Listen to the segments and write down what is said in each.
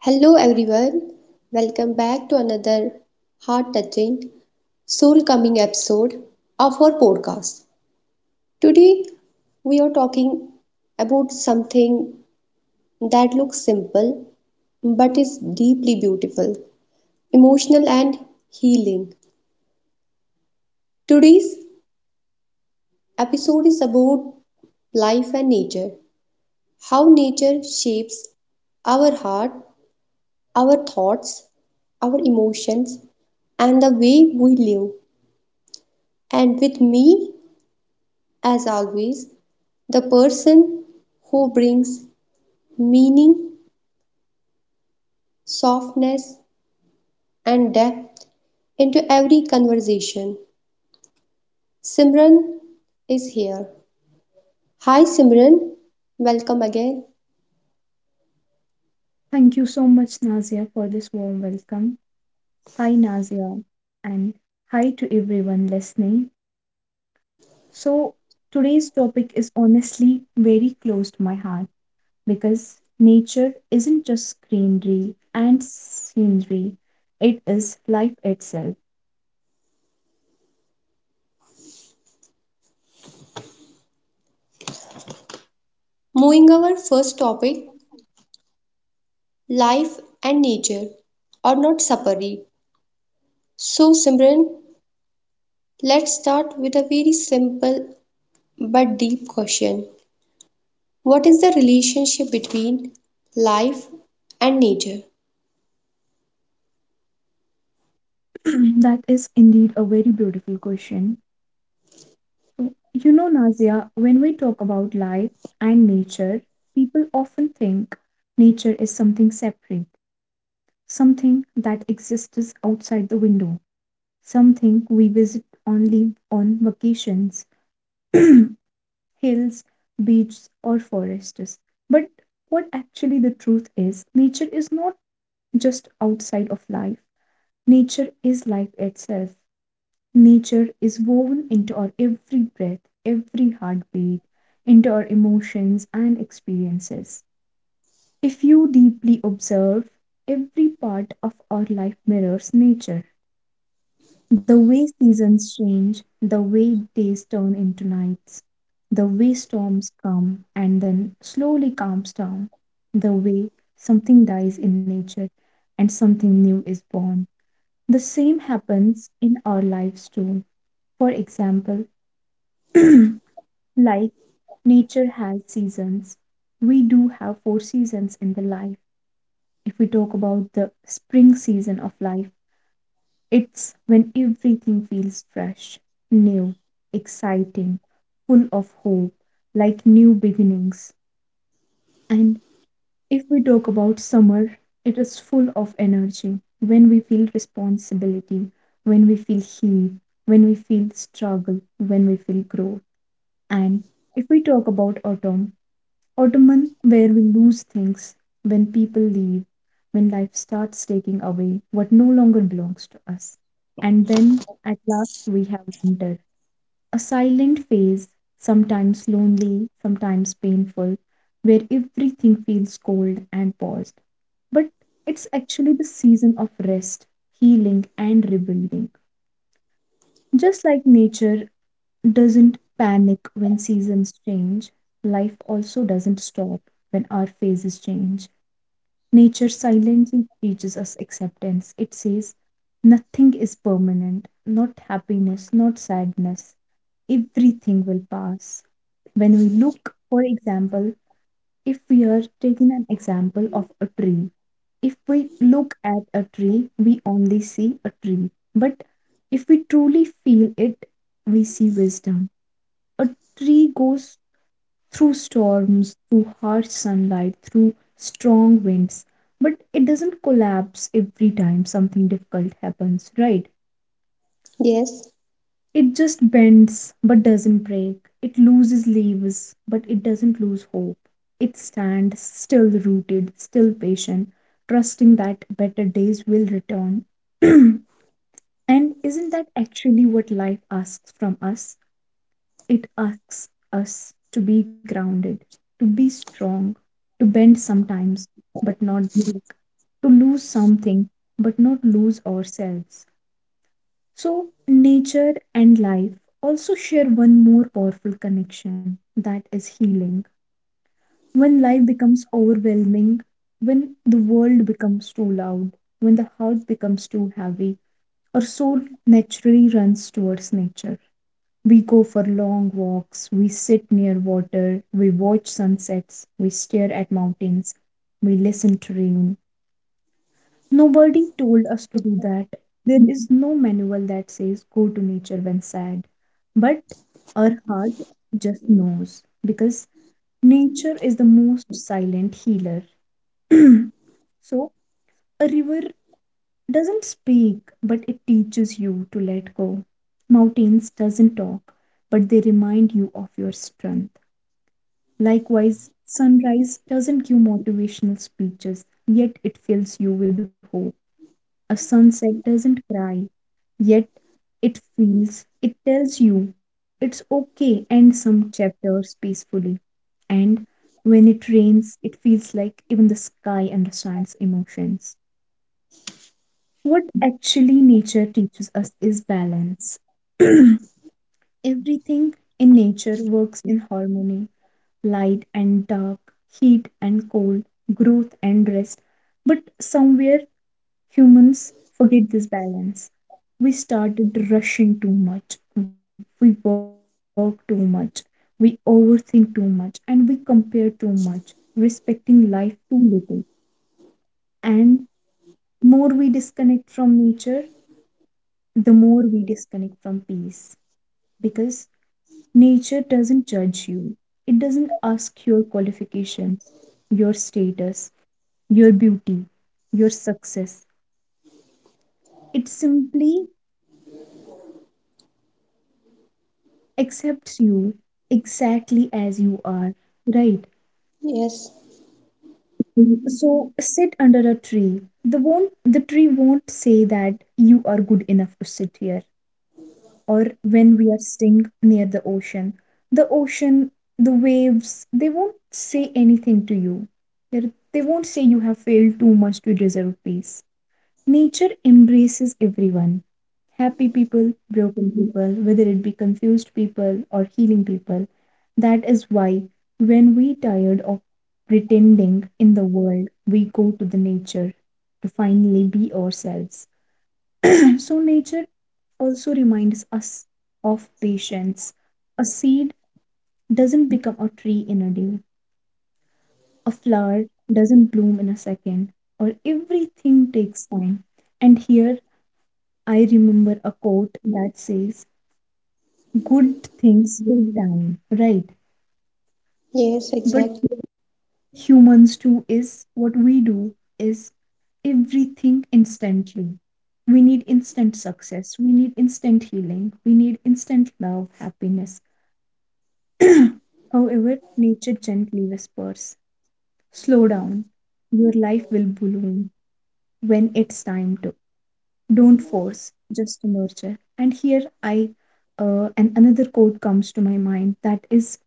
Hello, everyone. Welcome back to another heart touching, soul coming episode of our podcast. Today, we are talking about something that looks simple but is deeply beautiful, emotional, and healing. Today's episode is about life and nature, how nature shapes our heart, our thoughts, our emotions, and the way we live. And with me, as always, the person who brings meaning, softness, and depth into every conversation. Simran is here. Hi, Simran. Welcome again. Thank you so much, Nazia, for this warm welcome. Hi, Nazia, and hi to everyone listening. So, today's topic is honestly very close to my heart because nature isn't just greenery and scenery, it is life itself. Moving our first topic, life and nature are not separate. So, Simran, let's start with a very simple but deep question. What is the relationship between life and nature? That is indeed a very beautiful question. So, you know, Nazia, when we talk about life and nature, people often think nature is something separate, something that exists outside the window, something we visit only on vacations, hills, beaches, or forests. But what actually the truth is, nature is not just outside of life, nature is life itself. Nature is woven into our every breath, every heartbeat, into our emotions and experiences. If you deeply observe, every part of our life mirrors nature. The way seasons change, the way days turn into nights, the way storms come and then slowly calms down, the way something dies in nature and something new is born. The same happens in our lives too. For example, like nature has seasons, we do have 4 seasons in the life. If we talk about the spring season of life, it's when everything feels fresh, new, exciting, full of hope, like new beginnings. And if we talk about summer, it is full of energy. When we feel responsibility, when we feel heat, when we feel struggle, when we feel growth. And if we talk about autumn, autumn, where we lose things, when people leave, when life starts taking away what no longer belongs to us. And then at last we have winter, a silent phase, sometimes lonely, sometimes painful, where everything feels cold and paused. But it's actually the season of rest, healing, and rebuilding. Just like nature doesn't panic when seasons change. Life also doesn't stop when our phases change. Nature silently teaches us acceptance. It says, nothing is permanent, not happiness, not sadness. Everything will pass. When we look, for example, if we are taking an example of a tree, if we look at a tree, we only see a tree. But if we truly feel it, we see wisdom. A tree goes through storms, through harsh sunlight, through strong winds, but it doesn't collapse every time something difficult happens, right? Yes, It just bends but doesn't break. It loses leaves but it doesn't lose hope. It stands still rooted, still patient, trusting that better days will return. And isn't that actually what life asks from us? It asks us to be grounded, to be strong, to bend sometimes but not break, to lose something but not lose ourselves. So, nature and life also share one more powerful connection, that is healing. When life becomes overwhelming, when the world becomes too loud, when the heart becomes too heavy, our soul naturally runs towards nature. We go for long walks, we sit near water, we watch sunsets, we stare at mountains, we listen to rain. Nobody told us to do that. There is no manual that says go to nature when sad. But our heart just knows because nature is the most silent healer. So, a river doesn't speak, but it teaches you to let go. Mountains doesn't talk, but they remind you of your strength. Likewise, sunrise doesn't give motivational speeches, yet it fills you with hope. A sunset doesn't cry, yet it feels, it tells you it's okay, and some chapters peacefully. And when it rains, it feels like even the sky understands emotions. What actually nature teaches us is balance. Everything in nature works in harmony, light and dark, heat and cold, growth and rest. But somewhere humans forget this balance. We started rushing too much, we work too much, we overthink too much, and we compare too much, respecting life too little. And more we disconnect from nature, the more we disconnect from peace. Because nature doesn't judge you, it doesn't ask your qualifications, your status, your beauty, your success. It simply accepts you exactly as you are, right? yes, Mhm. So sit under a tree. The tree won't say that you are good enough to sit here. Or when we are sitting near the ocean, the ocean, the waves, they won't say anything to you. They won't say you have failed too much to deserve peace. Nature embraces everyone, happy people, broken people, whether it be confused people or healing people. That is why when we tired of pretending in the world, we go to the nature to finally be ourselves. So nature also reminds us of patience. A seed doesn't become a tree in a day. A flower doesn't bloom in a second, or everything takes time. And here I remember a quote that says, good things will die, right? yes, But exactly, humans too is what we do is everything instantly. We need instant success, we need instant healing, we need instant love, happiness. However, nature gently whispers, slow down, your life will bloom when it's time to. Don't force, just nurture. And here I and another quote comes to my mind, that is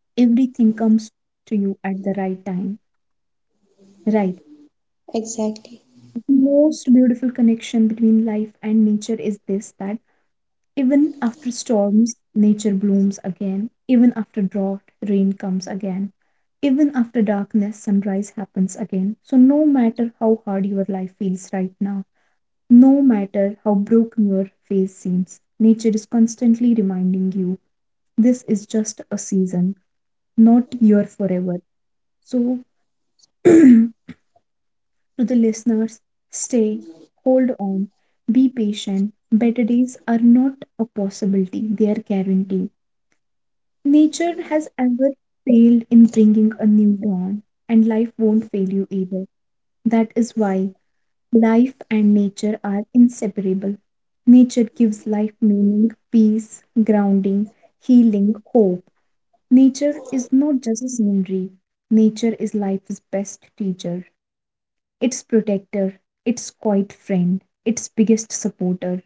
everything comes to you at the right time, right? exactly, The most beautiful connection between life and nature is this, that even after storms nature blooms again, even after drought rain comes again, even after darkness sunrise happens again. So no matter how hard your life feels right now, no matter how broken your face seems, nature is constantly reminding you this is just a season, not your forever. So, to the listeners, stay, hold on, be patient. Better days are not a possibility, they are guaranteed. Nature has ever failed in bringing a new dawn, and life won't fail you either. That is why life and nature are inseparable. Nature gives life meaning, peace, grounding, healing, hope. Nature is not just a scenery. Nature is life's best teacher, its protector, its quiet friend, its biggest supporter.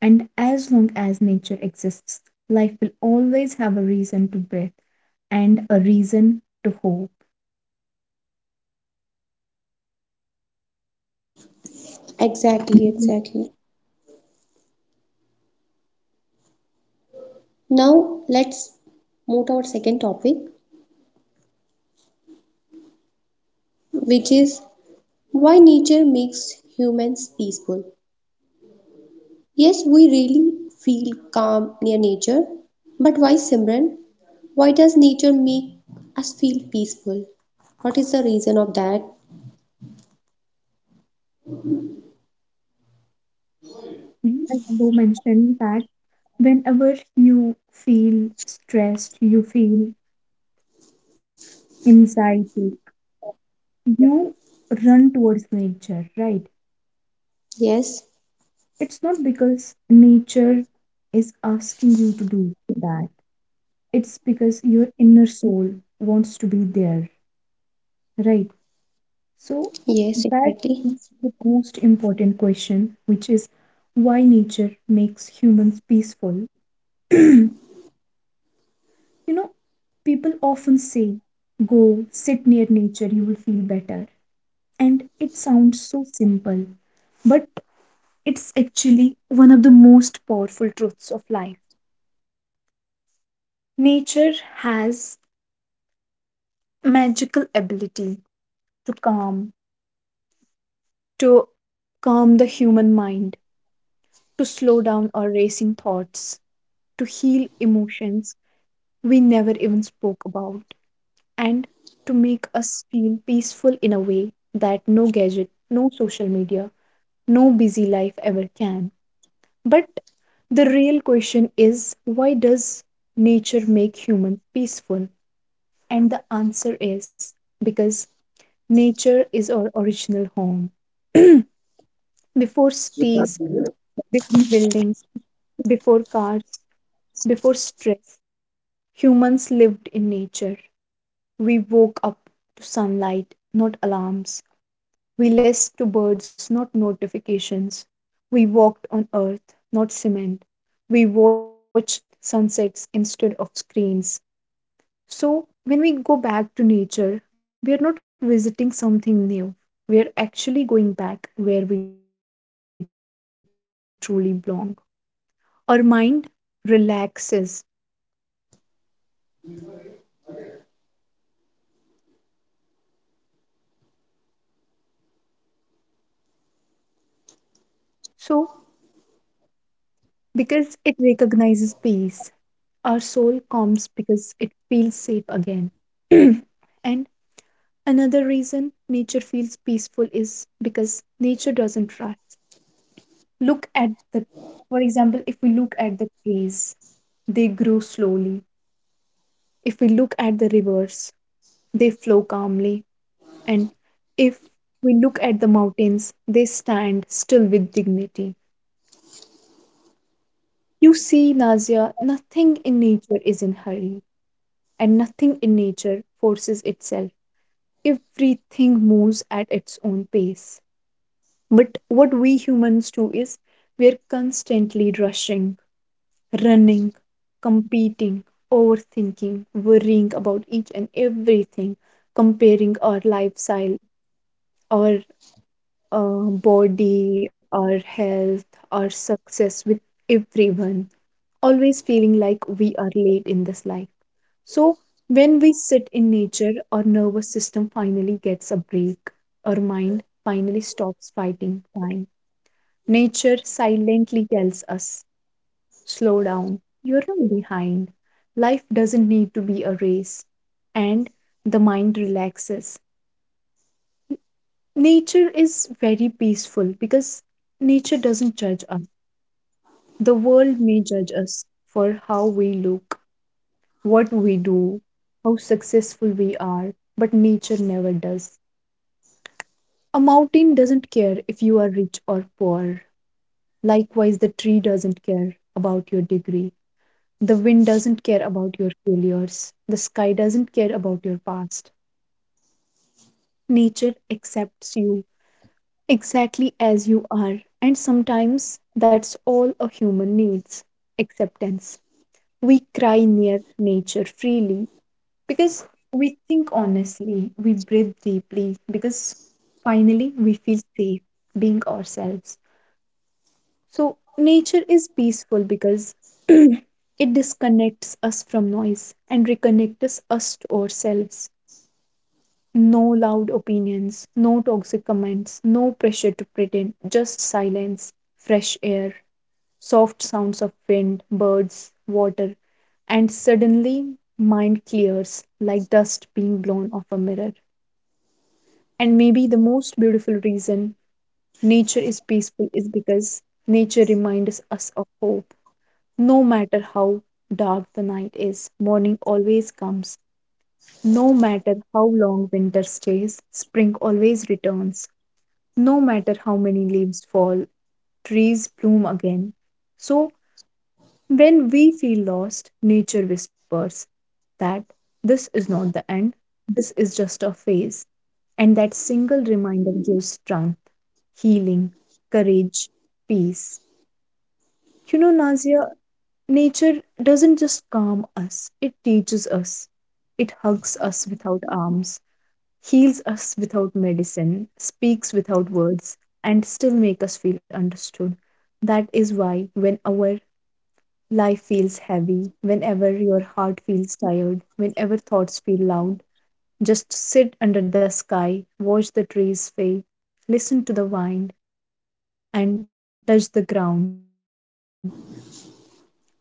And as long as nature exists, life will always have a reason to breathe and a reason to hope. exactly, exactly. Now let's move to our second topic, which is why nature makes humans peaceful. Yes, we really feel calm near nature, but why, Simran? Why does nature make us feel peaceful? What is the reason of that? Mhm. I want to that whenever you feel stressed, you feel anxiety, you run towards nature, right? Yes, It's not because nature is asking you to do that, it's because your inner soul wants to be there, right? So, yes, that exactly. is the most important question, which is why nature makes humans peaceful. You know, people often say, go sit near nature, you will feel better. And it sounds so simple, but it's actually one of the most powerful truths of life. Nature has magical ability to calm, to calm the human mind, to slow down our racing thoughts, to heal emotions we never even spoke about, and to make us feel peaceful in a way that no gadget, no social media, no busy life ever can. But the real question is why does nature make humans peaceful? And the answer is because nature is our original home. Before cities, before buildings, before cars, before stress, humans lived in nature. We woke up to sunlight, not alarms. We listened to birds, not notifications. We walked on earth, not cement. We watched sunsets instead of screens. So, when we go back to nature, we are not visiting something new. We are actually going back where we truly belong. Our mind relaxes. So, because it recognizes peace, our soul calms because it feels safe again. And another reason nature feels peaceful is because nature doesn't rush. Look at the, for example, if we look at the trees, they grow slowly. If we look at the rivers, they flow calmly. And if we look at the mountains, they stand still with dignity. You see, Nazia, nothing in nature is in hurry, and nothing in nature forces itself. Everything moves at its own pace. But what we humans do is we're constantly rushing, running, competing, overthinking, worrying about each and everything, comparing our lifestyle, our body, our health, our success with everyone, always feeling like we are late in this life. So, when we sit in nature, our nervous system finally gets a break, our mind finally stops fighting time. Nature silently tells us, slow down, you're not behind. Life doesn't need to be a race. And the mind relaxes. Nature is very peaceful because nature doesn't judge us. The world may judge us for how we look, what we do, how successful we are, but nature never does. A mountain doesn't care if you are rich or poor. Likewise, the tree doesn't care about your degree. The wind doesn't care about your failures. The sky doesn't care about your past. Nature accepts you exactly as you are. And sometimes that's all a human needs, acceptance. We cry near nature freely because we think honestly, we breathe deeply because finally we feel safe being ourselves. So, nature is peaceful because it disconnects us from noise and reconnects us to ourselves. No loud opinions, no toxic comments, no pressure to pretend, just silence, fresh air, soft sounds of wind, birds, water, and suddenly mind clears like dust being blown off a mirror. And maybe the most beautiful reason nature is peaceful is because nature reminds us of hope. No matter how dark the night is, morning always comes. No matter how long winter stays, spring always returns. No matter how many leaves fall, trees bloom again. So, when we feel lost, nature whispers that this is not the end, this is just a phase. And that single reminder gives strength, healing, courage, peace. You know, Nazia, nature doesn't just calm us, it teaches us. It hugs us without arms, heals us without medicine, speaks without words, and still makes us feel understood. That is why when our life feels heavy, whenever your heart feels tired, whenever thoughts feel loud, just sit under the sky, watch the trees fade, listen to the wind, and touch the ground,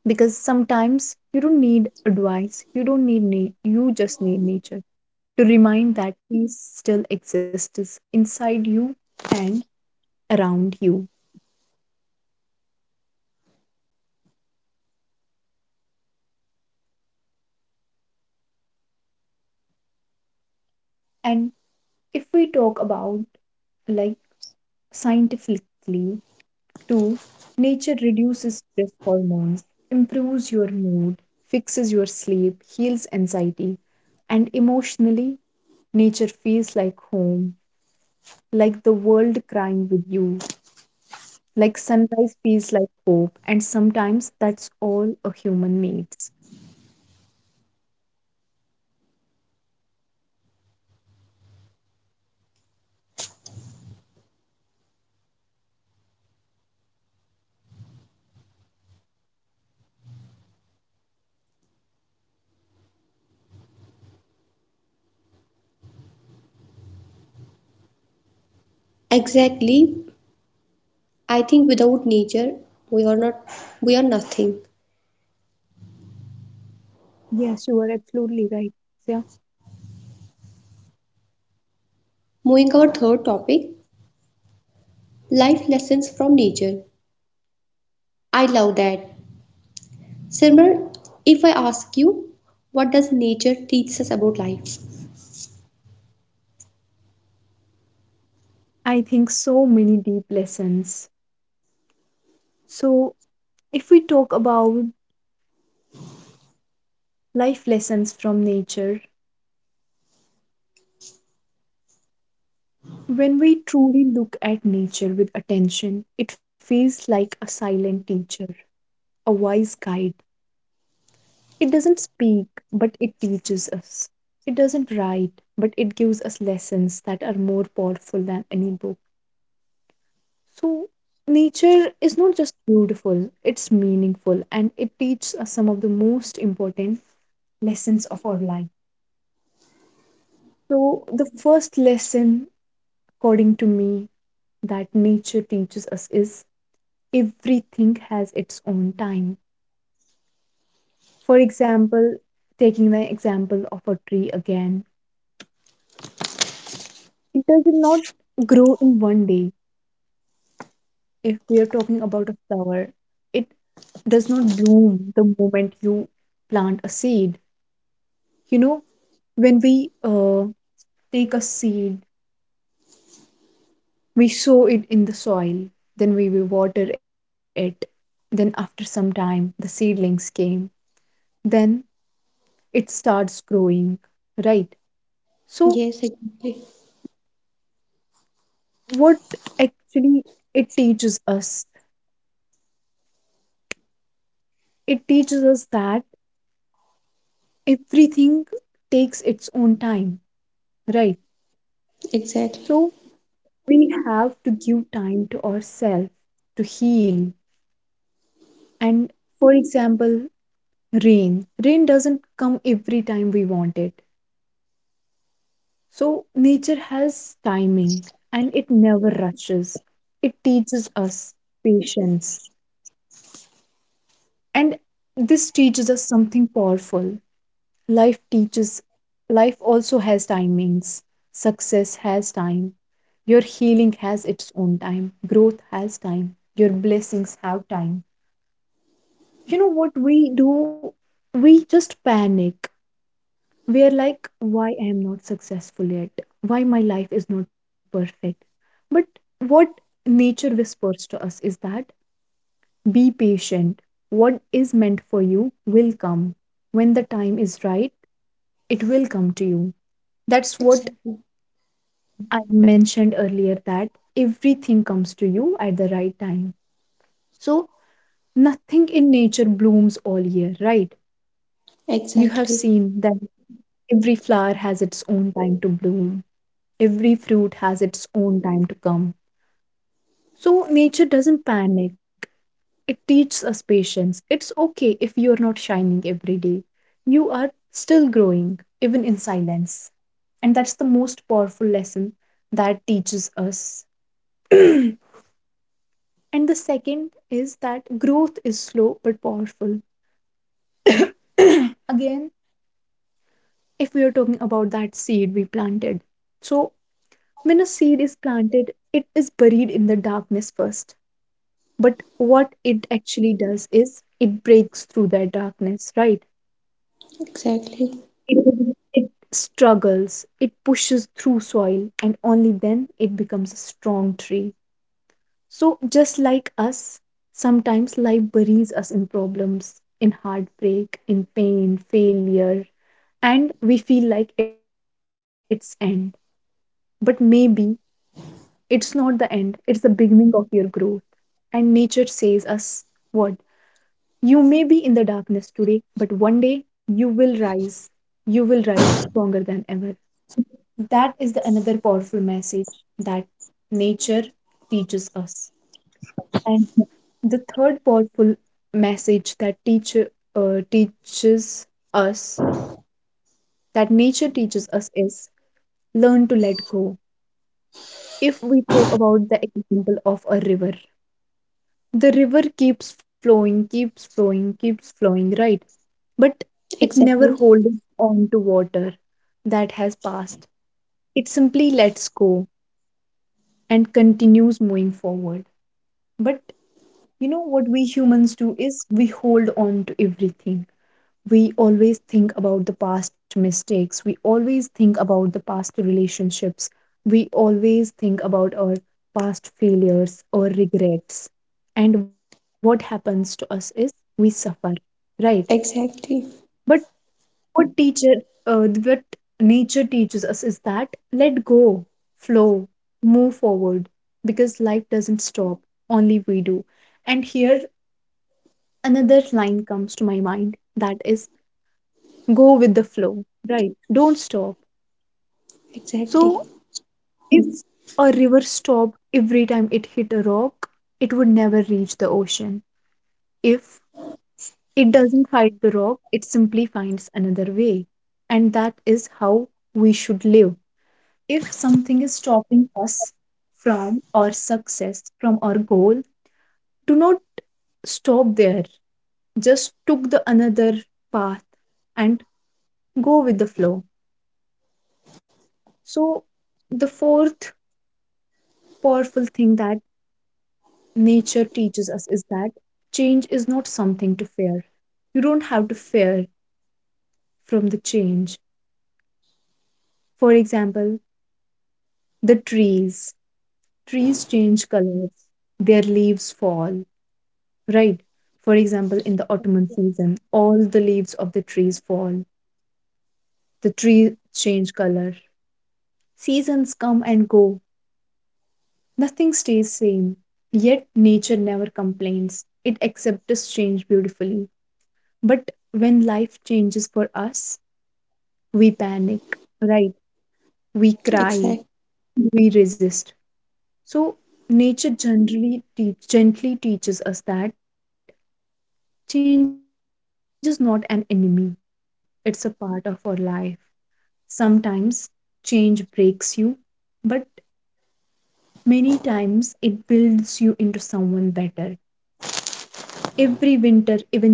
because sometimes you don't need advice, you don't need you just need nature to remind that peace still exists inside you and around you. And if we talk about, like, scientifically too, nature reduces stress hormones, improves your mood, fixes your sleep, heals anxiety. And emotionally, nature feels like home, like the world crying with you, like sunrise feels like hope, and sometimes that's all a human needs. Exactly. I think without nature, we are not, we are nothing. Yes, you are absolutely right. Yeah. Moving our third topic, life lessons from nature. I love that. Simran, if I ask you, what does nature teach us about life? I think so many deep lessons. So, if we talk about life lessons from nature, when we truly look at nature with attention, it feels like a silent teacher, a wise guide. It doesn't speak, but it teaches us. It doesn't write, but it gives us lessons that are more powerful than any book. So, nature is not just beautiful, it's meaningful, and it teaches us some of the most important lessons of our life. So, the first lesson, according to me, that nature teaches us is everything has its own time. For example, taking the example of a tree again, it does not grow in one day. If we are talking about a flower, it does not bloom the moment you plant a seed. You know, when we take a seed, we sow it in the soil, then we will water it. Then, after some time, the seedlings came. Then it starts growing, right? So, Yes, exactly, what actually it teaches us? It teaches us that everything takes its own time, right? exactly, So, we have to give time to ourselves to heal. And for example, rain. Rain doesn't come every time we want it. So, nature has timing and it never rushes. It teaches us patience. And this teaches us something powerful. Life teaches, life also has timings. Success has time. Your healing has its own time. Growth has time. Your blessings have time. You know what we do? We just panic, we are like, why I am not successful yet, why my life is not perfect. But what nature whispers to us is that be patient, what is meant for you will come. When the time is right, it will come to you. That's what I mentioned earlier, that everything comes to you at the right time. So, nothing in nature blooms all year, right? You have exactly, seen that every flower has its own time to bloom. Every fruit has its own time to come. So nature doesn't panic. It teaches us patience. It's okay if you are not shining every day. You are still growing, even in silence. And that's the most powerful lesson that teaches us. And the second is that growth is slow but powerful. Again, if we are talking about that seed we planted. So, when a seed is planted, it is buried in the darkness first. But what it actually does is it breaks through that darkness, right? exactly, It struggles, it pushes through soil, and only then it becomes a strong tree. So, just like us, sometimes life buries us in problems, in heartbreak, in pain, failure, and we feel like it's end. But maybe it's not the end, it's the beginning of your growth. And nature says us what? You may be in the darkness today, but one day you will rise. You will rise stronger than ever. That is the another powerful message that nature teaches us. And the third powerful message that teaches us that nature teaches us is learn to let go. If we talk about the example of a river, the river keeps flowing, keeps flowing, keeps flowing, right? But it exactly, never holds on to water that has passed. It simply lets go and continues moving forward. But you know what we humans do is we hold on to everything. We always think about the past mistakes. We always think about the past relationships. We always think about our past failures or regrets. And what happens to us is we suffer, right? exactly, But What teacher, what nature teaches us is that let go, flow, move forward, because life doesn't stop, only we do. And here another line comes to my mind, that is go with the flow, right? Don't stop. exactly, So if a river stopped every time it hit a rock, it would never reach the ocean. If it doesn't fight the rock, it simply finds another way. And that is how we should live. If something is stopping us from our success, from our goal, do not stop there. Just took the another path and go with the flow. So, the fourth powerful thing that nature teaches us is that change is not something to fear. You don't have to fear from the change. For example, the trees. Trees change colors, their leaves fall, right. For example, in the autumn season, all the leaves of the trees fall. The trees change color. Seasons come and go. Nothing stays same. Yet nature never complains. It accepts change beautifully. But when life changes for us, we panic, right? We exactly, cry, exact, we resist. So nature gently teaches us that change is not an enemy, it's a part of our life. Sometimes change breaks you, but many times it builds you into someone better. Every winter eventually turns into spring. Mhm.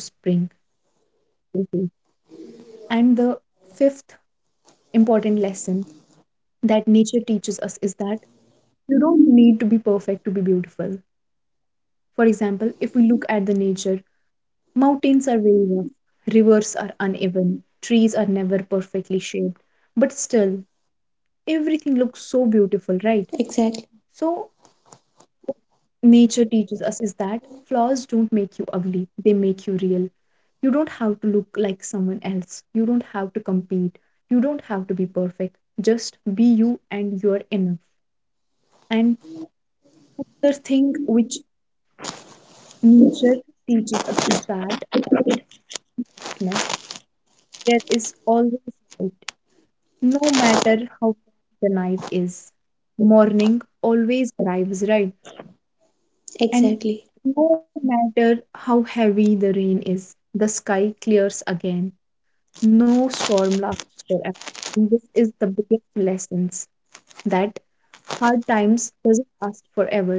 And the fifth important lesson that nature teaches us is that you don't need to be perfect to be beautiful. For example, if we look at the nature, mountains are very rough, rivers are uneven, trees are never perfectly shaped, but still everything looks so beautiful, right? So, exactly, nature teaches us is that flaws don't make you ugly, they make you real. You don't have to look like someone else, you don't have to compete, you don't have to be perfect. Just be you and you're enough. And the thing which nature teaches us is that darkness, there is always light, no matter how dark the night is. Morning always arrives, right? And exactly. no matter how heavy the rain is, the sky clears again. No storm lasts forever. And this is the biggest lessons that hard times doesn't last forever.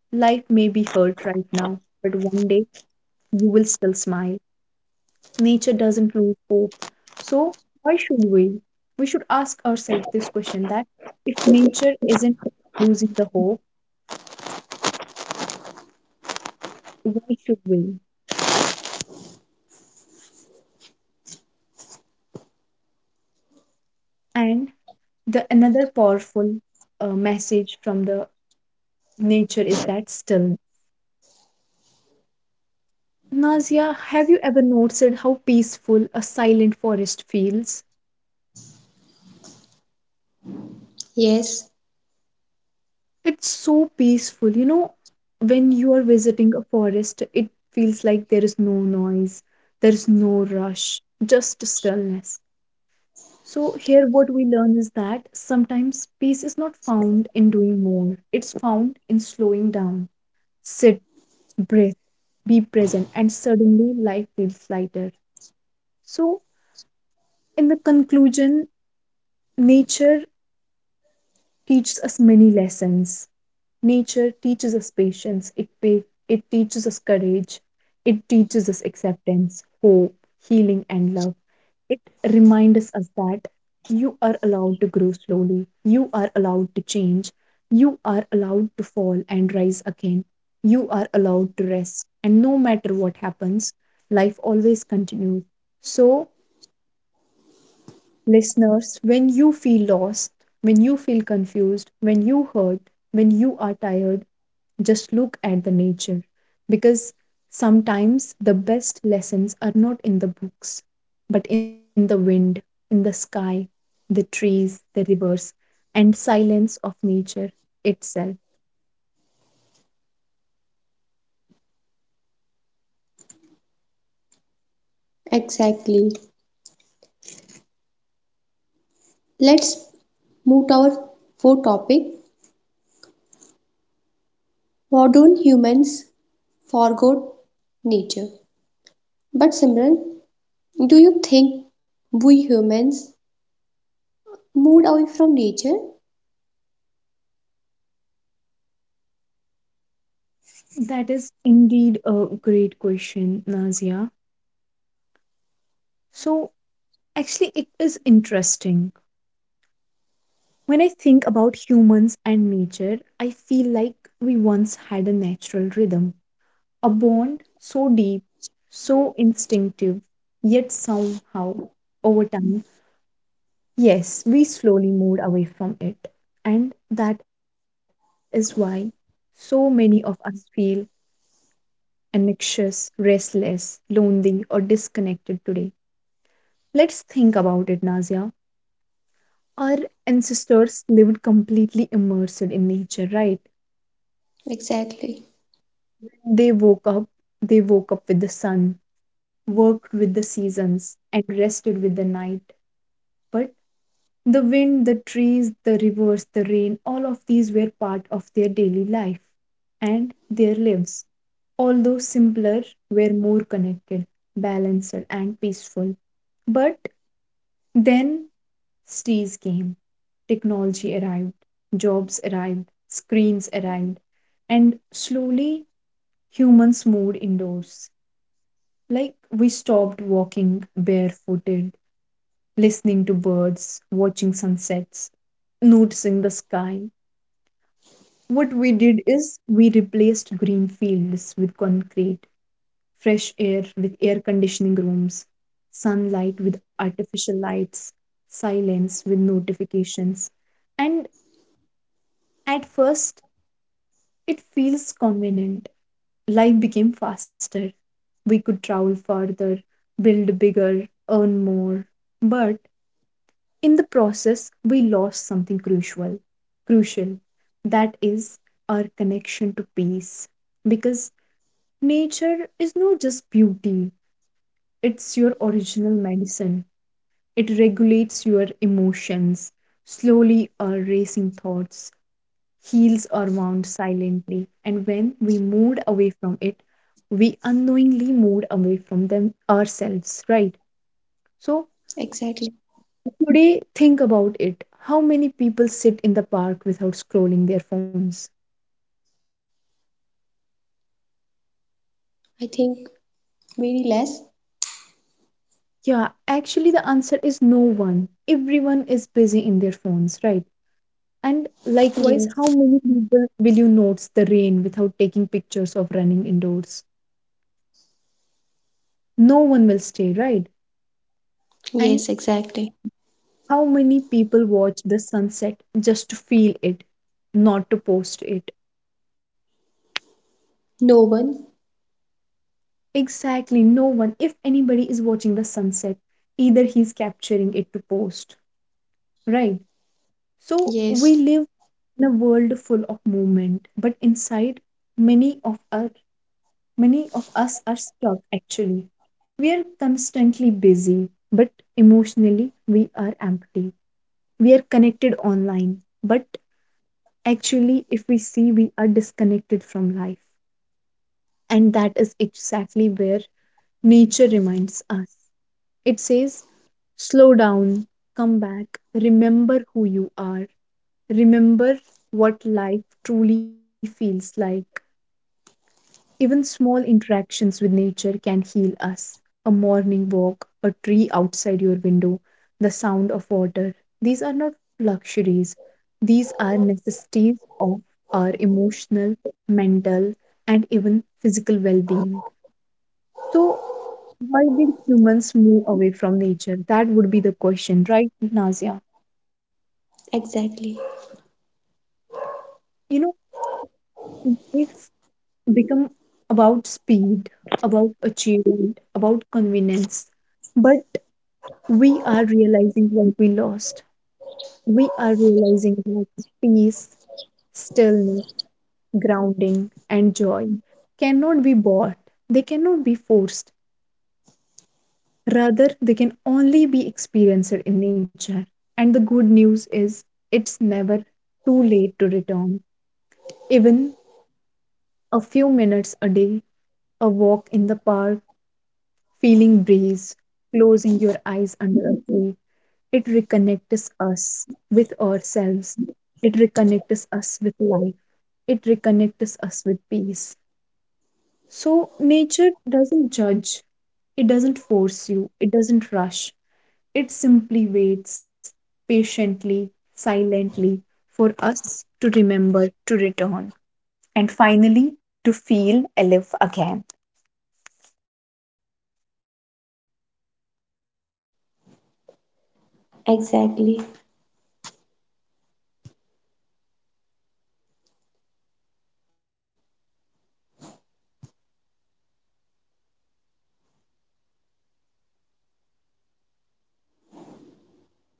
Life may be hurt right now, but one day you will still smile. Nature doesn't lose hope. So why should we? We should ask ourselves this question, that if nature isn't losing the hope, why should we? And the another powerful message from the nature is that stillness. Nazia, have you ever noticed how peaceful a silent forest feels? Yes, It's so peaceful, you know. When you are visiting a forest, it feels like there is no noise, there is no rush, just stillness. So, here what we learn is that sometimes peace is not found in doing more, it's found in slowing down. Sit, breathe, be present, and suddenly life feels lighter. So, in the conclusion, nature teaches us many lessons. Nature teaches us patience, it teaches us courage, it teaches us acceptance, hope, healing, and love. It reminds us that you are allowed to grow slowly, you are allowed to change, you are allowed to fall and rise again, you are allowed to rest, and no matter what happens, life always continues. So, listeners, when you feel lost, when you feel confused, when you hurt, when you are tired, just look at the nature, because sometimes the best lessons are not in the books, but in the wind, in the sky, the trees, the rivers, and silence of nature itself. exactly. Let's move to our fourth topic. Modern humans forgot nature. But Simran, do you think we humans moved away from nature? That is indeed a great question, Nazia. So, actually it is interesting. When I think about humans and nature, I feel like we once had a natural rhythm, a bond so deep, so instinctive, yet somehow, over time, yes, we slowly moved away from it. And that is why so many of us feel anxious, restless, lonely, or disconnected today. Let's think about it, Nazia. Our ancestors lived completely immersed in nature, right? Exactly, They woke up, they woke up with the sun, worked with the seasons, and rested with the night. But The wind, the trees, the rivers, the rain, all of these were part of their daily life and their lives, although simpler, were more connected, balanced, and peaceful. But then cities came, technology arrived, jobs arrived, screens arrived, and slowly humans moved indoors. Like we stopped walking barefooted listening to birds, watching sunsets, noticing the sky. What we did is we replaced green fields with concrete, fresh air with air conditioning rooms, sunlight with artificial lights, silence with notifications. And at first, it feels convenient. Life became faster. We could travel further, build bigger, earn more. But in the process we lost something crucial that is our connection to peace because nature is not just beauty, it's your original medicine, it regulates your emotions, slowly our racing thoughts, heals our wound silently, and when we moved away from it we unknowingly moved away from them ourselves, right? So exactly. today, think about it. How many people sit in the park without scrolling their phones? I think very less. Yeah, actually, the answer is no one. Everyone is busy in their phones, right? And likewise, how Yes, many people will you notice the rain without taking pictures of running indoors? No one will stay, right? And yes, exactly. how many people watch the sunset just to feel it, not to post it? No one. Exactly, no one. If anybody is watching the sunset, either he's capturing it to post, right? So we Yes, live in a world full of movement, but inside many of us, many of us are stuck actually. We are constantly busy, but emotionally we are empty. We are connected online, but actually if we see we are disconnected from life. And that is exactly where nature reminds us. It says, slow down, come back, remember who you are, remember what life truly feels like. Even small interactions with nature can heal us. A morning walk, a tree outside your window, the sound of water. These are not luxuries, these are necessities of our emotional, mental, and even physical well being. So, why did humans move away from nature? That would be the question, right, Nazia? exactly, You know, life become about speed, about achievement, about convenience. But we are realizing what we lost. We are realizing that peace, stillness, grounding, and joy cannot be bought, they cannot be forced. Rather, they can only be experienced in nature. And the good news is, it's never too late to return. Even a few minutes a day, a walk in the park, feeling breeze, closing your eyes under a tree, it reconnects us with ourselves. It reconnects us with life. It reconnects us with peace. So, nature doesn't judge, it doesn't force you, it doesn't rush. It simply waits patiently, silently for us to remember to return. And finally, to feel alive again. exactly.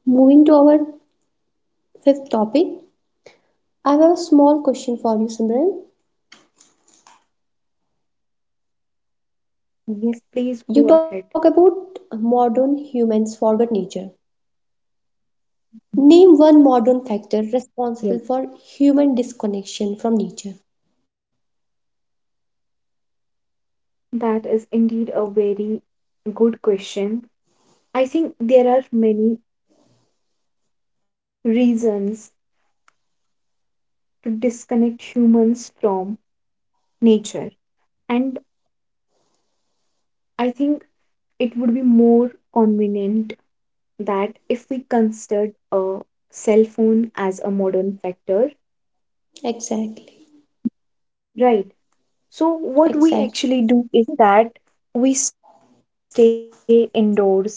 Moving to our fifth topic, I have a small question for you, Simran. Yes, please go ahead. You talk about modern humans forget nature. Name one Yes, modern factor responsible for human disconnection from nature. that is indeed a very good question. I think there are many reasons to disconnect humans from nature. And I think it would be more convenient that if we considered a cell phone as a modern factor, Exactly, right? So, what we exact, actually do is that we stay indoors all the time.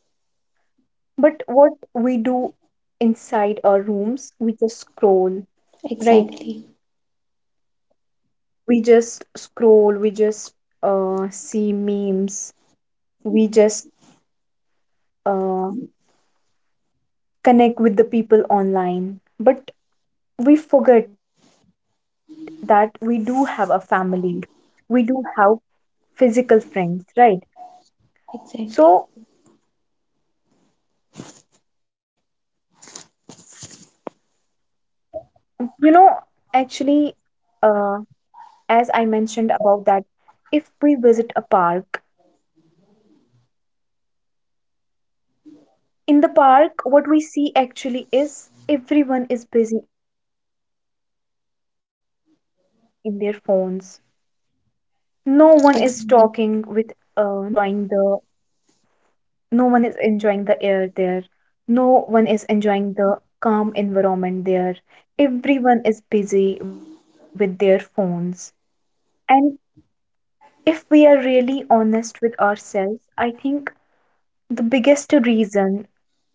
But what we do inside our rooms, we just scroll, right? exactly. We just scroll, we just see memes, we just uh, connect with the people online. But we forget that we do have a family, we do have physical friends, right? Exactly. So, you know, actually, uh, as I mentioned about that, if we visit a park, in the park, what we see actually is everyone is busy in their phones, right? No one is Exactly. talking with, no one is enjoying the no one is enjoying the air there. No one is enjoying the calm environment there. Everyone is busy with their phones. And if we are really honest with ourselves, I think the biggest reason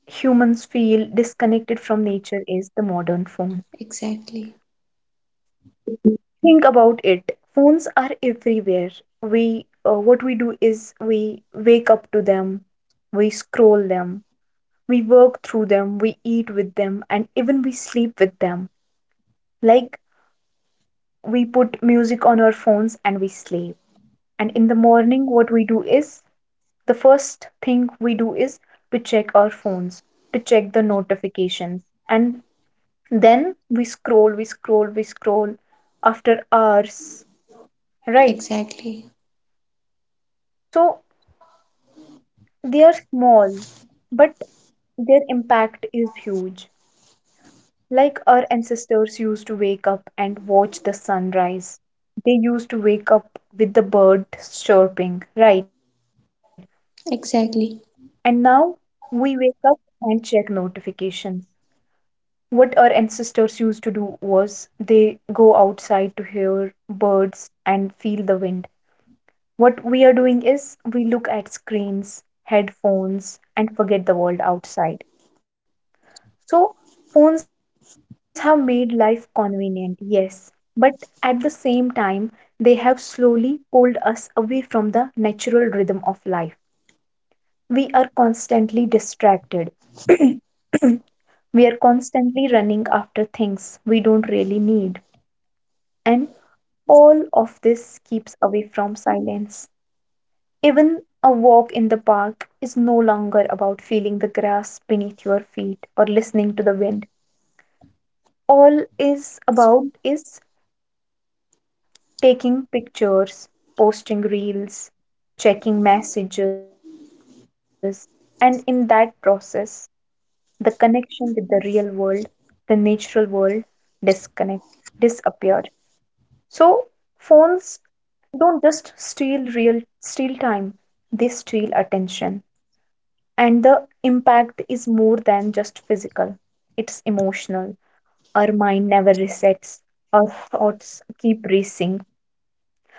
humans feel disconnected from nature is the modern phone. Exactly. Think about it. Phones are everywhere. We what we do is we wake up to them, we scroll them. We work through them, we eat with them, and even we sleep with them. Like we put music on our phones and we sleep. And in the morning, what we do is the first thing we do is to check our phones, to check the notifications. And then we scroll, we scroll, we scroll after hours, right? Exactly. So they are small, but their impact is huge. Like our ancestors used to wake up and watch the sunrise. They used to wake up with the birds chirping, right? And Exactly. now we wake up and check notifications. What our ancestors used to do was they go outside to hear birds and feel the wind. What we are doing is we look at screens, headphones, and forget the world outside. So, phones have made life convenient, yes, but at the same time, they have slowly pulled us away from the natural rhythm of life. We are constantly distracted, we are constantly running after things we don't really need, and all of this keeps away from silence. Even a walk in the park is no longer about feeling the grass beneath your feet or listening to the wind, all is about is taking pictures, posting reels, checking messages, and in that process, the connection with the real world, the natural world, disconnect, disappeared. So phones don't just steal time; they steal attention, and the impact is more than just physical. It's emotional. Our mind never resets. Our thoughts keep racing.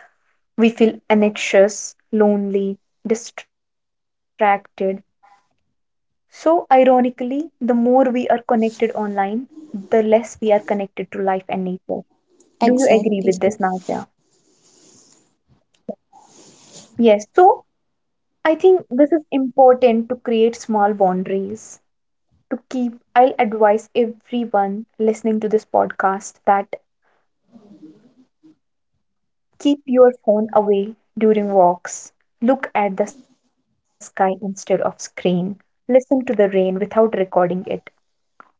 We feel anxious, lonely, distracted. So, ironically, the more we are connected online, the less we are connected to life and nature. Do you agree with this, Exactly, Nazia? sir. Yes. So, I think this is important to create small boundaries. To keep, I'll advise everyone listening to this podcast that keep your phone away during walks. Look at the sky instead of screen. Listen to the rain without recording it.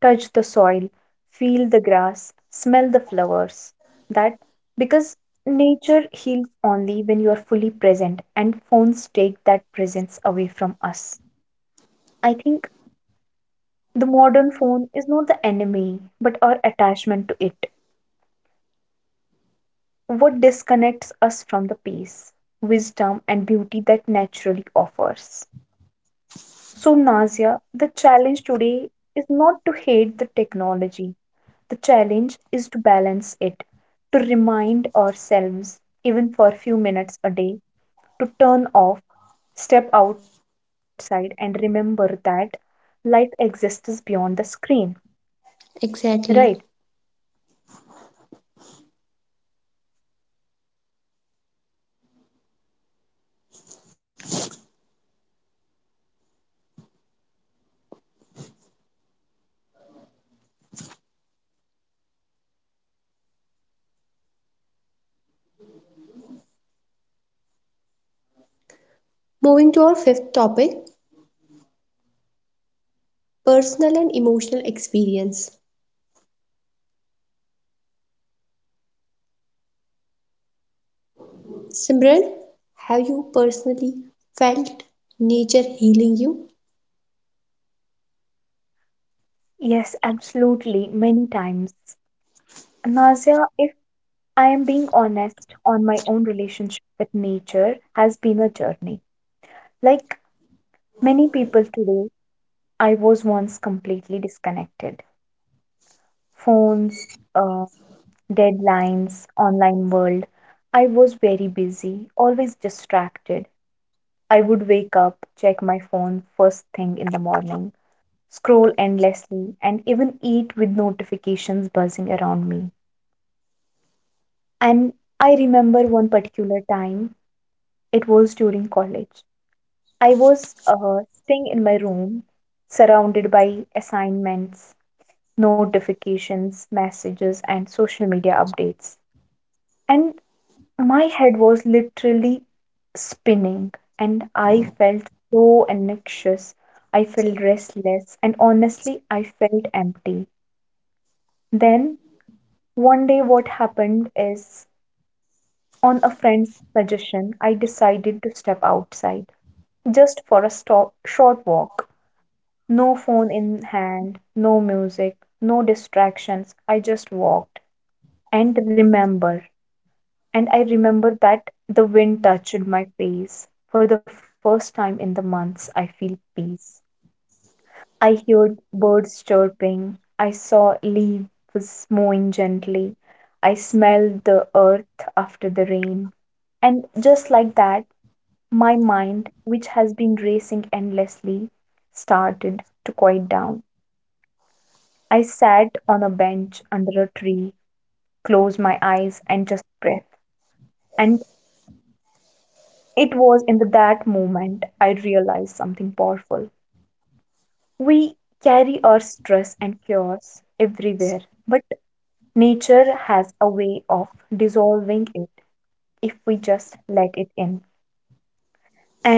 Touch the soil, feel the grass, smell the flowers. That because nature heals only when you are fully present, and phones take that presence away from us. I think the modern phone is not the enemy, but our attachment to it. What disconnects us from the peace, wisdom, and beauty that naturally offers. So, Nazia, the challenge today is not to hate the technology. The challenge is to balance it, to remind ourselves, even for a few minutes a day, to turn off, step outside, and remember that life exists beyond the screen. Right? Exactly. Moving to our fifth topic, personal and emotional experience. Simran, have you personally felt nature healing you? Yes, absolutely. Many times. Nazia, if I am being honest on my own relationship with nature, has been a journey. Like many people today, I was once completely disconnected. Phones, uh, deadlines, online world. I was very busy, always distracted. I would wake up, check my phone first thing in the morning, scroll endlessly, and even eat with notifications buzzing around me. And I remember one particular time, it was during college. I was staying in my room, surrounded by assignments, notifications, messages, and social media updates. And my head was literally spinning, and I felt so anxious. I felt restless, and honestly, I felt empty. Then, one day, what happened is on a friend's suggestion, I decided to step outside just for a short walk. No phone in hand, no music, no distractions. I just walked and remembered and I remember that the wind touched my face. For the first time in the months, I feel peace. I heard birds chirping. I saw leaves moving gently. I smelled the earth after the rain. And just like that, my mind, which has been racing endlessly, started to quiet down. I sat on a bench under a tree, closed my eyes, and just breathed. And it was that moment I realized something powerful. We carry our stress and chaos everywhere, but nature has a way of dissolving it if we just let it in.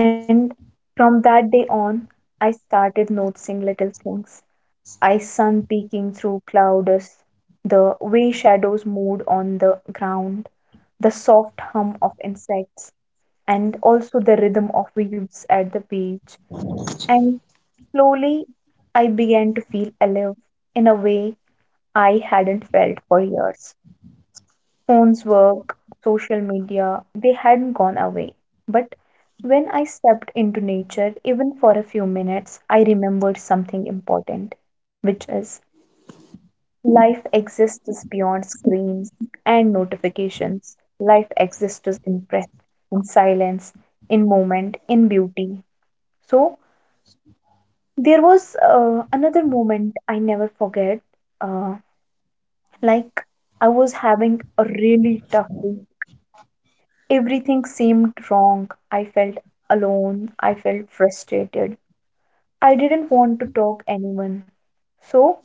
And from that day on, I started noticing little things. I sun peeking through clouds, the way shadows moved on the ground, the soft hum of insects, and also the rhythm of waves at the beach. And slowly, I began to feel alive in a way I hadn't felt for years. Phones, work, social media, they hadn't gone away. But when I stepped into nature, even for a few minutes, I remembered something important, which is life exists beyond screens and notifications. Life exists in breath, in silence, in moment, in beauty. So, there was another moment I never forget. Uh, like I was having a really tough day. Everything seemed wrong. I felt alone. I felt frustrated. I didn't want to talk anyone. So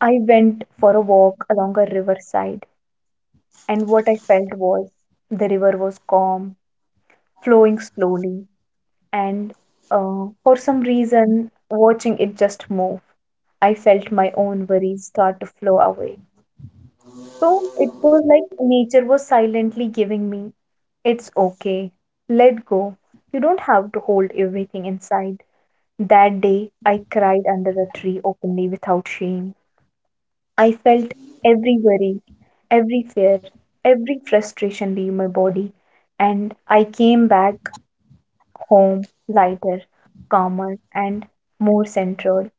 I went for a walk along a riverside, and what I felt was the river was calm, flowing slowly, and for some reason, watching it just move. I felt my own worries start to flow away. So it was like nature was silently giving me, it's okay, let go. You don't have to hold everything inside. That day, I cried under a tree openly without shame. I felt every worry, every fear, every frustration leave my body, and I came back home lighter, calmer, and more centered.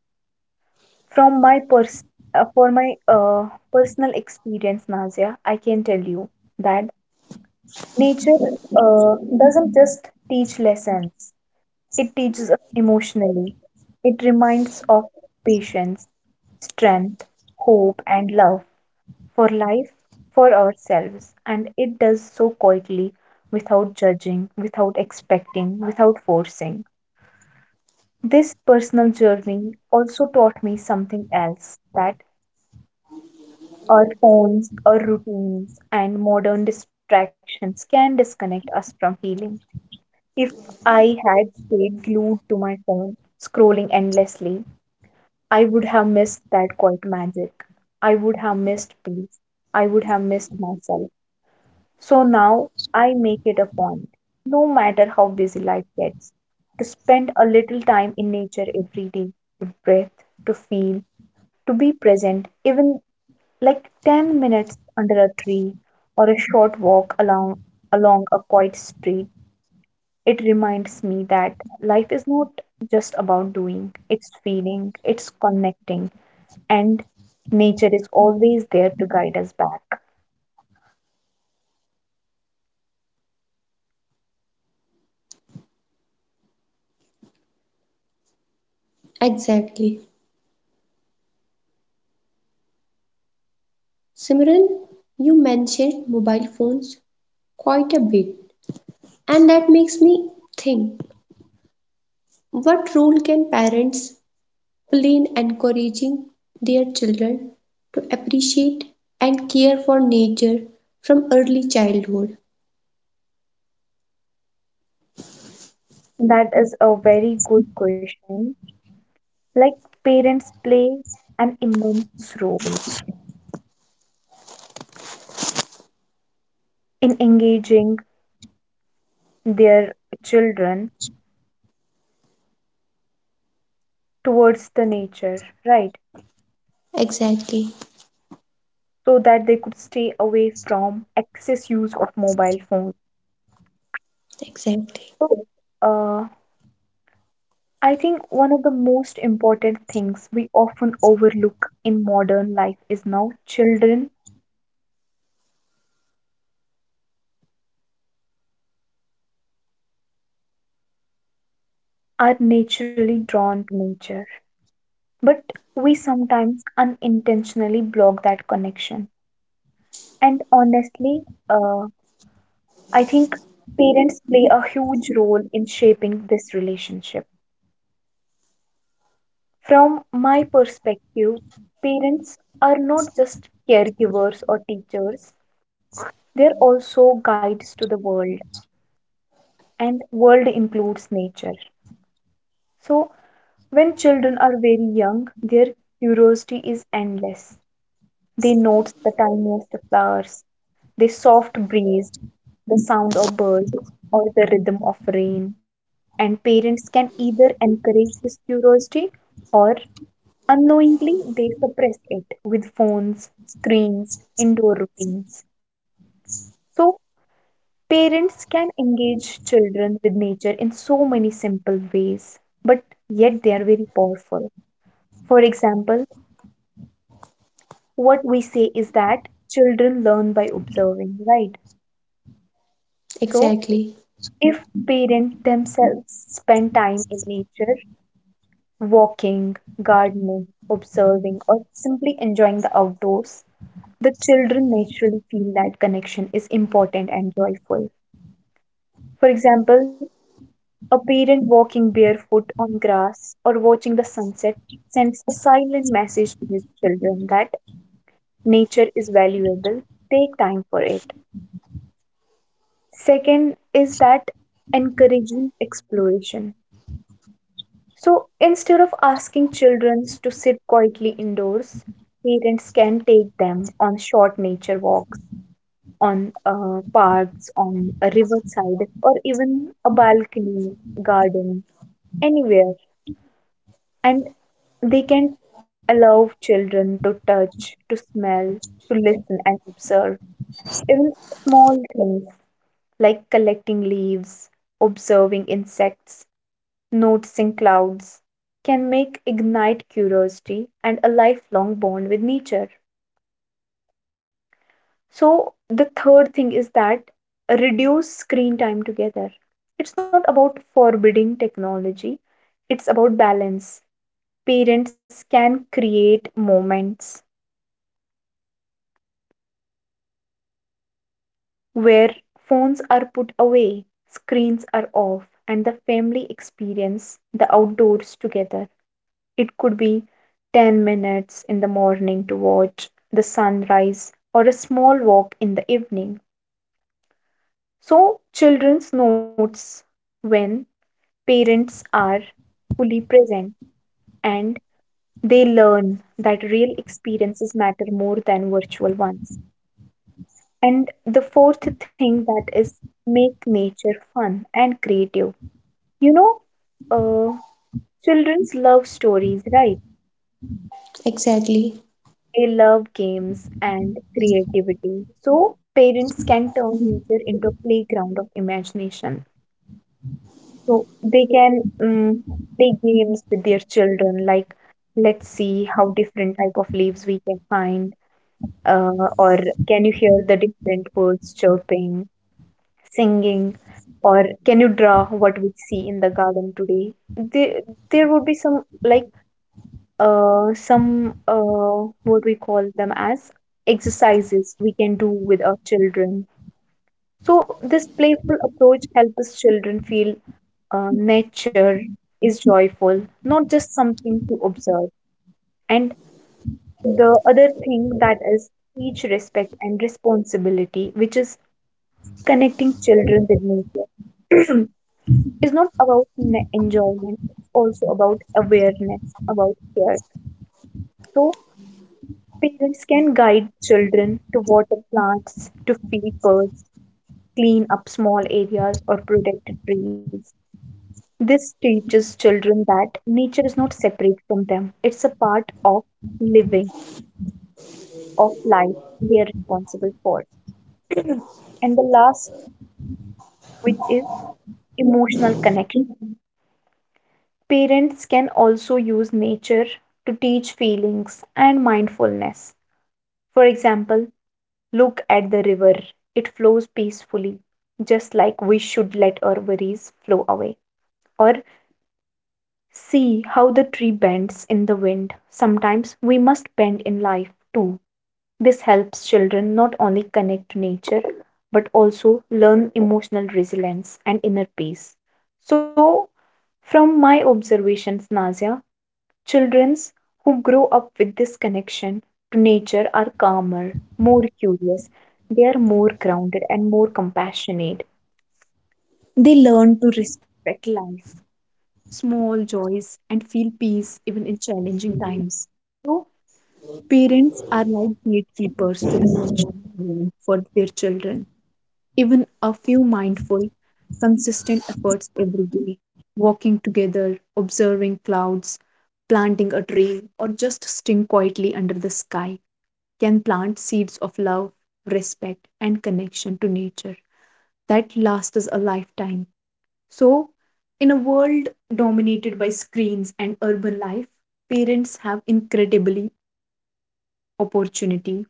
From my pers- for my personal experience, Nazia, I can tell you that nature doesn't just teach lessons, it teaches us emotionally. It reminds of patience, strength, hope, and love for life, for ourselves. And it does so quietly, without judging, without expecting, without forcing. This personal journey also taught me something else, that our phones, our routines, and modern distractions can disconnect us from healing. If I had stayed glued to my phone, scrolling endlessly, I would have missed that quiet magic. I would have missed peace. I would have missed myself. So now I make it a point, no matter how busy life gets, to spend a little time in nature every day, to breathe, to feel, to be present, even like 10 minutes under a tree or a short walk along a quiet street. It reminds me that life is not just about doing, it's feeling, it's connecting, and nature is always there to guide us back. Exactly. Simran, you mentioned mobile phones quite a bit, and that makes me think, what role can parents plain encouraging their children to appreciate and care for nature from early childhood. That is a very good question. Like, parents play an immense role in engaging their children towards the nature, right? Exactly, So that they could stay away from excess use of mobile phones. exactly, So, uh, I think one of the most important things we often overlook in modern life is now children are naturally drawn to nature, but we sometimes unintentionally block that connection. And honestly, uh, I think parents play a huge role in shaping this relationship. From my perspective, parents are not just caregivers or teachers, they're also guides to the world, and world includes nature. So, when children are very young, their curiosity is endless. They notice the tiniest flowers, the soft breeze, the sound of birds, or the rhythm of rain. And parents can either encourage this curiosity or unknowingly they suppress it with phones, screens, indoor routines. So, parents can engage children with nature in so many simple ways, but yet they are very powerful. For example, what we say is that children learn by observing, right? So, exactly, if parents themselves spend time in nature, walking, gardening, observing, or simply enjoying the outdoors, the children naturally feel that connection is important and joyful. For example, a parent walking barefoot on grass or watching the sunset sends a silent message to his children that nature is valuable, take time for it. Second is that encouraging exploration. So instead of asking children to sit quietly indoors, parents can take them on short nature walks, on parks, on a riverside, or even a balcony, garden, anywhere. And they can allow children to touch, to smell, to listen and observe. Even small things like collecting leaves, observing insects, noticing clouds can make ignite curiosity and a lifelong bond with nature. So the third thing is that reduce screen time together. It's not about forbidding technology, it's about balance. Parents can create moments where phones are put away, screens are off, and the family experience the outdoors together. It could be 10 minutes in the morning to watch the sunrise or a small walk in the evening. So, children's notes when parents are fully present and they learn that real experiences matter more than virtual ones. And the fourth thing that is make nature fun and creative. You know, uh, children love stories, right? exactly. They love games and creativity. So parents can turn nature into a playground of imagination. So they can play games with their children, like let's see how different type of leaves we can find, uh, or can you hear the different birds chirping, singing, or can you draw what we see in the garden today? There would be some like some what we call them as exercises we can do with our children. So this playful approach helps children feel nature is joyful, not just something to observe. And the other thing that is teach respect and responsibility, which is connecting children with nature. is not about enjoyment, it's also about awareness, about care. So parents can guide children to water plants, to feed birds, clean up small areas, or protect trees. This teaches children that nature is not separate from them, it's a part of living, of life they are responsible for. And the last, which is emotional connection. Parents can also use nature to teach feelings and mindfulness. For example, look at the river. It flows peacefully, just like we should let our worries flow away. Or see how the tree bends in the wind. Sometimes we must bend in life too. This helps children not only connect to nature but also learn emotional resilience and inner peace. So, from my observations, Nazia, childrens who grow up with this connection to nature are calmer, more curious, they are more grounded and more compassionate. They learn to respect life, small joys, and feel peace even in challenging times. So, parents are like gatekeepers to the natural world for their children. Even a few mindful, consistent efforts every day, walking together, observing clouds, planting a tree, or just sitting quietly under the sky can plant seeds of love, respect, and connection to nature that lasts us a lifetime. So, in a world dominated by screens and urban life, parents have incredibly opportunity.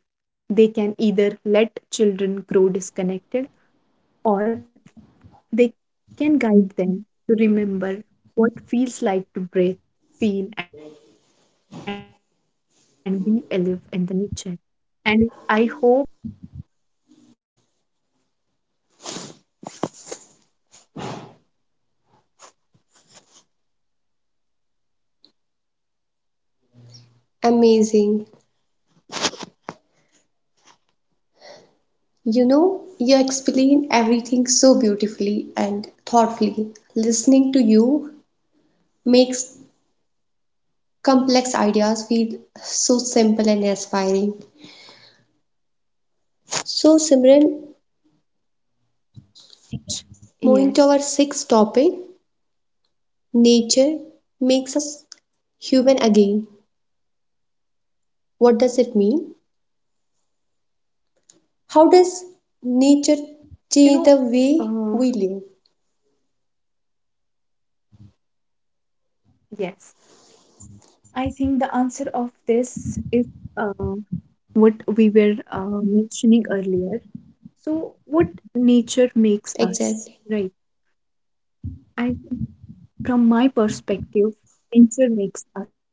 They can either let children grow disconnected or they can guide them to remember what feels like to breathe, feel, and be alive in the nature. And I hope I have answered your question. Amazing. You know, you explain everything so beautifully and thoughtfully. Listening to you makes complex ideas feel so simple and inspiring. So, Simran, Yes, moving to our sixth topic, nature makes us human again. What does it mean? you know, How uh, does nature change the way we live? yes, I think the answer of this is uh, what we were mentioning earlier. So, what nature makes us, right? I, Exactly. from my perspective, nature makes us kinder.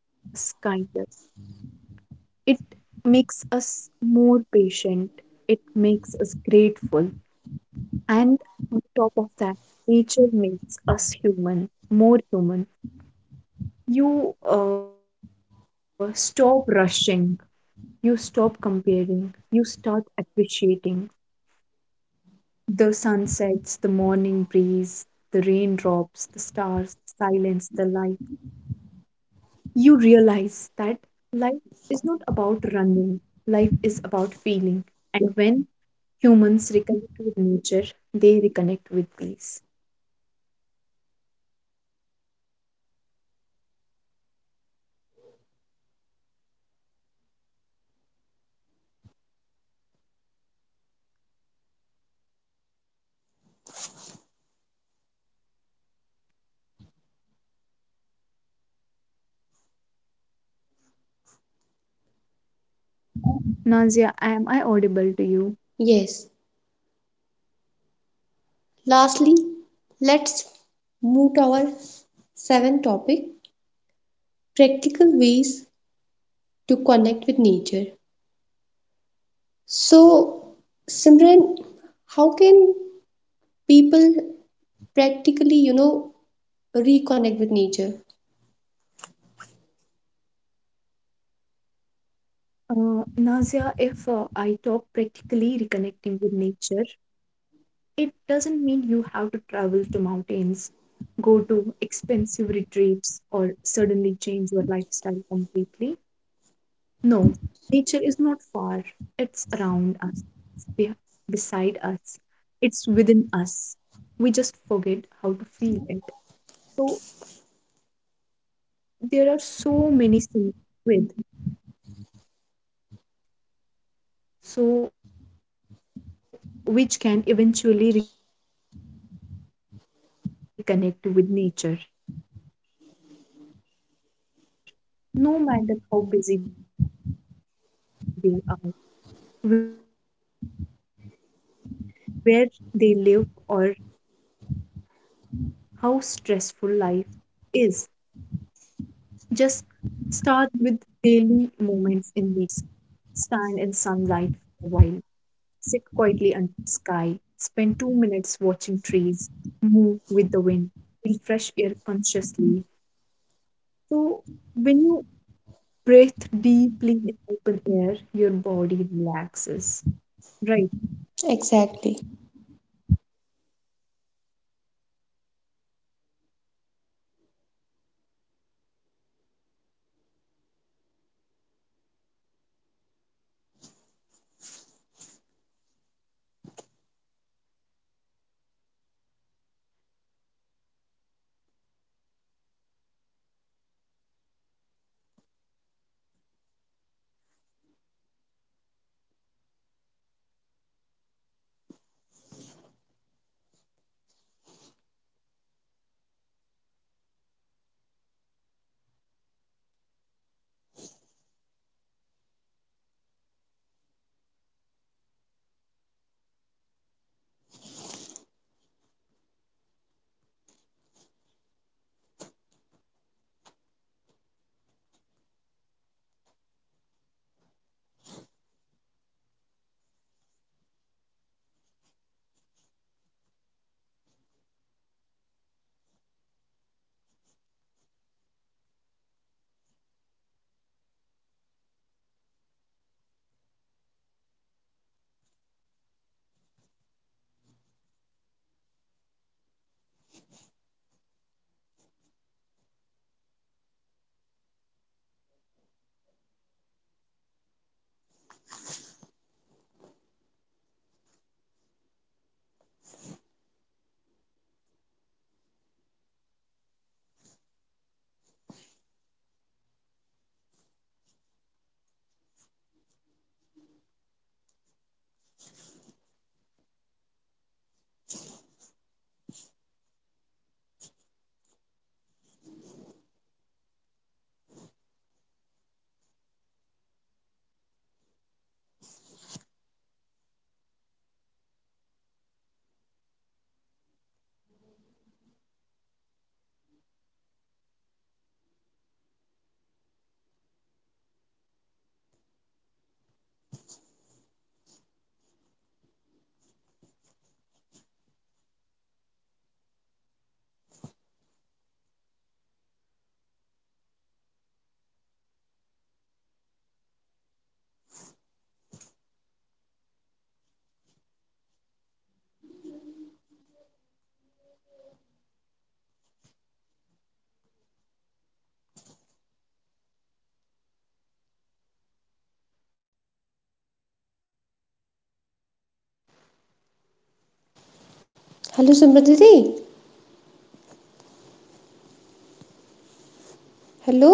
It makes us more patient, it makes us grateful, and on top of that, nature makes us human, more human. You stop rushing, you stop comparing, you start appreciating the sunsets, the morning breeze, the raindrops, the stars, silence, the light. You realize that life is not about running, life is about feeling. And when humans reconnect with nature, they reconnect with peace. Right, Nazia? Nazia, am I audible to you? Yes. Lastly, let's move to our seventh topic, practical ways to connect with nature. So, Simran, how can people practically, you know, reconnect with nature? Nazia, if I talk practically reconnecting with nature, it doesn't mean you have to travel to mountains, go to expensive retreats, or suddenly change your lifestyle completely. No, nature is not far. It's around us, it's be- beside us, it's within us. We just forget how to feel it. So, there are so many simple real life ways every single person can connect with, so which can eventually reconnect with nature. No matter how busy they are, where they live, or how stressful life is. Just start with daily moments in nature. Even 10 minutes a day can make a difference. Stand in sunlight for a while, sit quietly under the sky, spend 2 minutes watching trees, move with the wind, feel fresh air consciously. So, when you breathe deeply in open air, your body relaxes, right? And the second would be touch nature. Don't just look at it. Nature is not meant to be observed from distance, it's Exactly. Mhm. experienced. So we have to try things like touching leaves, feeling the bark of a tree, walking barefoot on the grass, letting rain touch your hands, holding soil while gardening. So these are the small sensory connections calm the nervous system and create emotional grounding. It's like your heart whispers, yes, I belong here, right? And the third would be spend time outdoors instead of indoors. We spend too much time inside closed rooms with closed minds, closed emotions. So, intentionally, what you have to do is just step outside, do a morning walk, do a evening walk, sit in a park for a while, or go to lakes, fields, riverside when possible, or even you can sit in the balcony. Nature doesn't demand luxury, it only asks for attention. So, what we have to do is create a personal natural space. If people can't go to nature daily, bring nature to them. What you have to do is you can keep plants at home, create a small balcony garden. Hello, Simran Didi. Hello.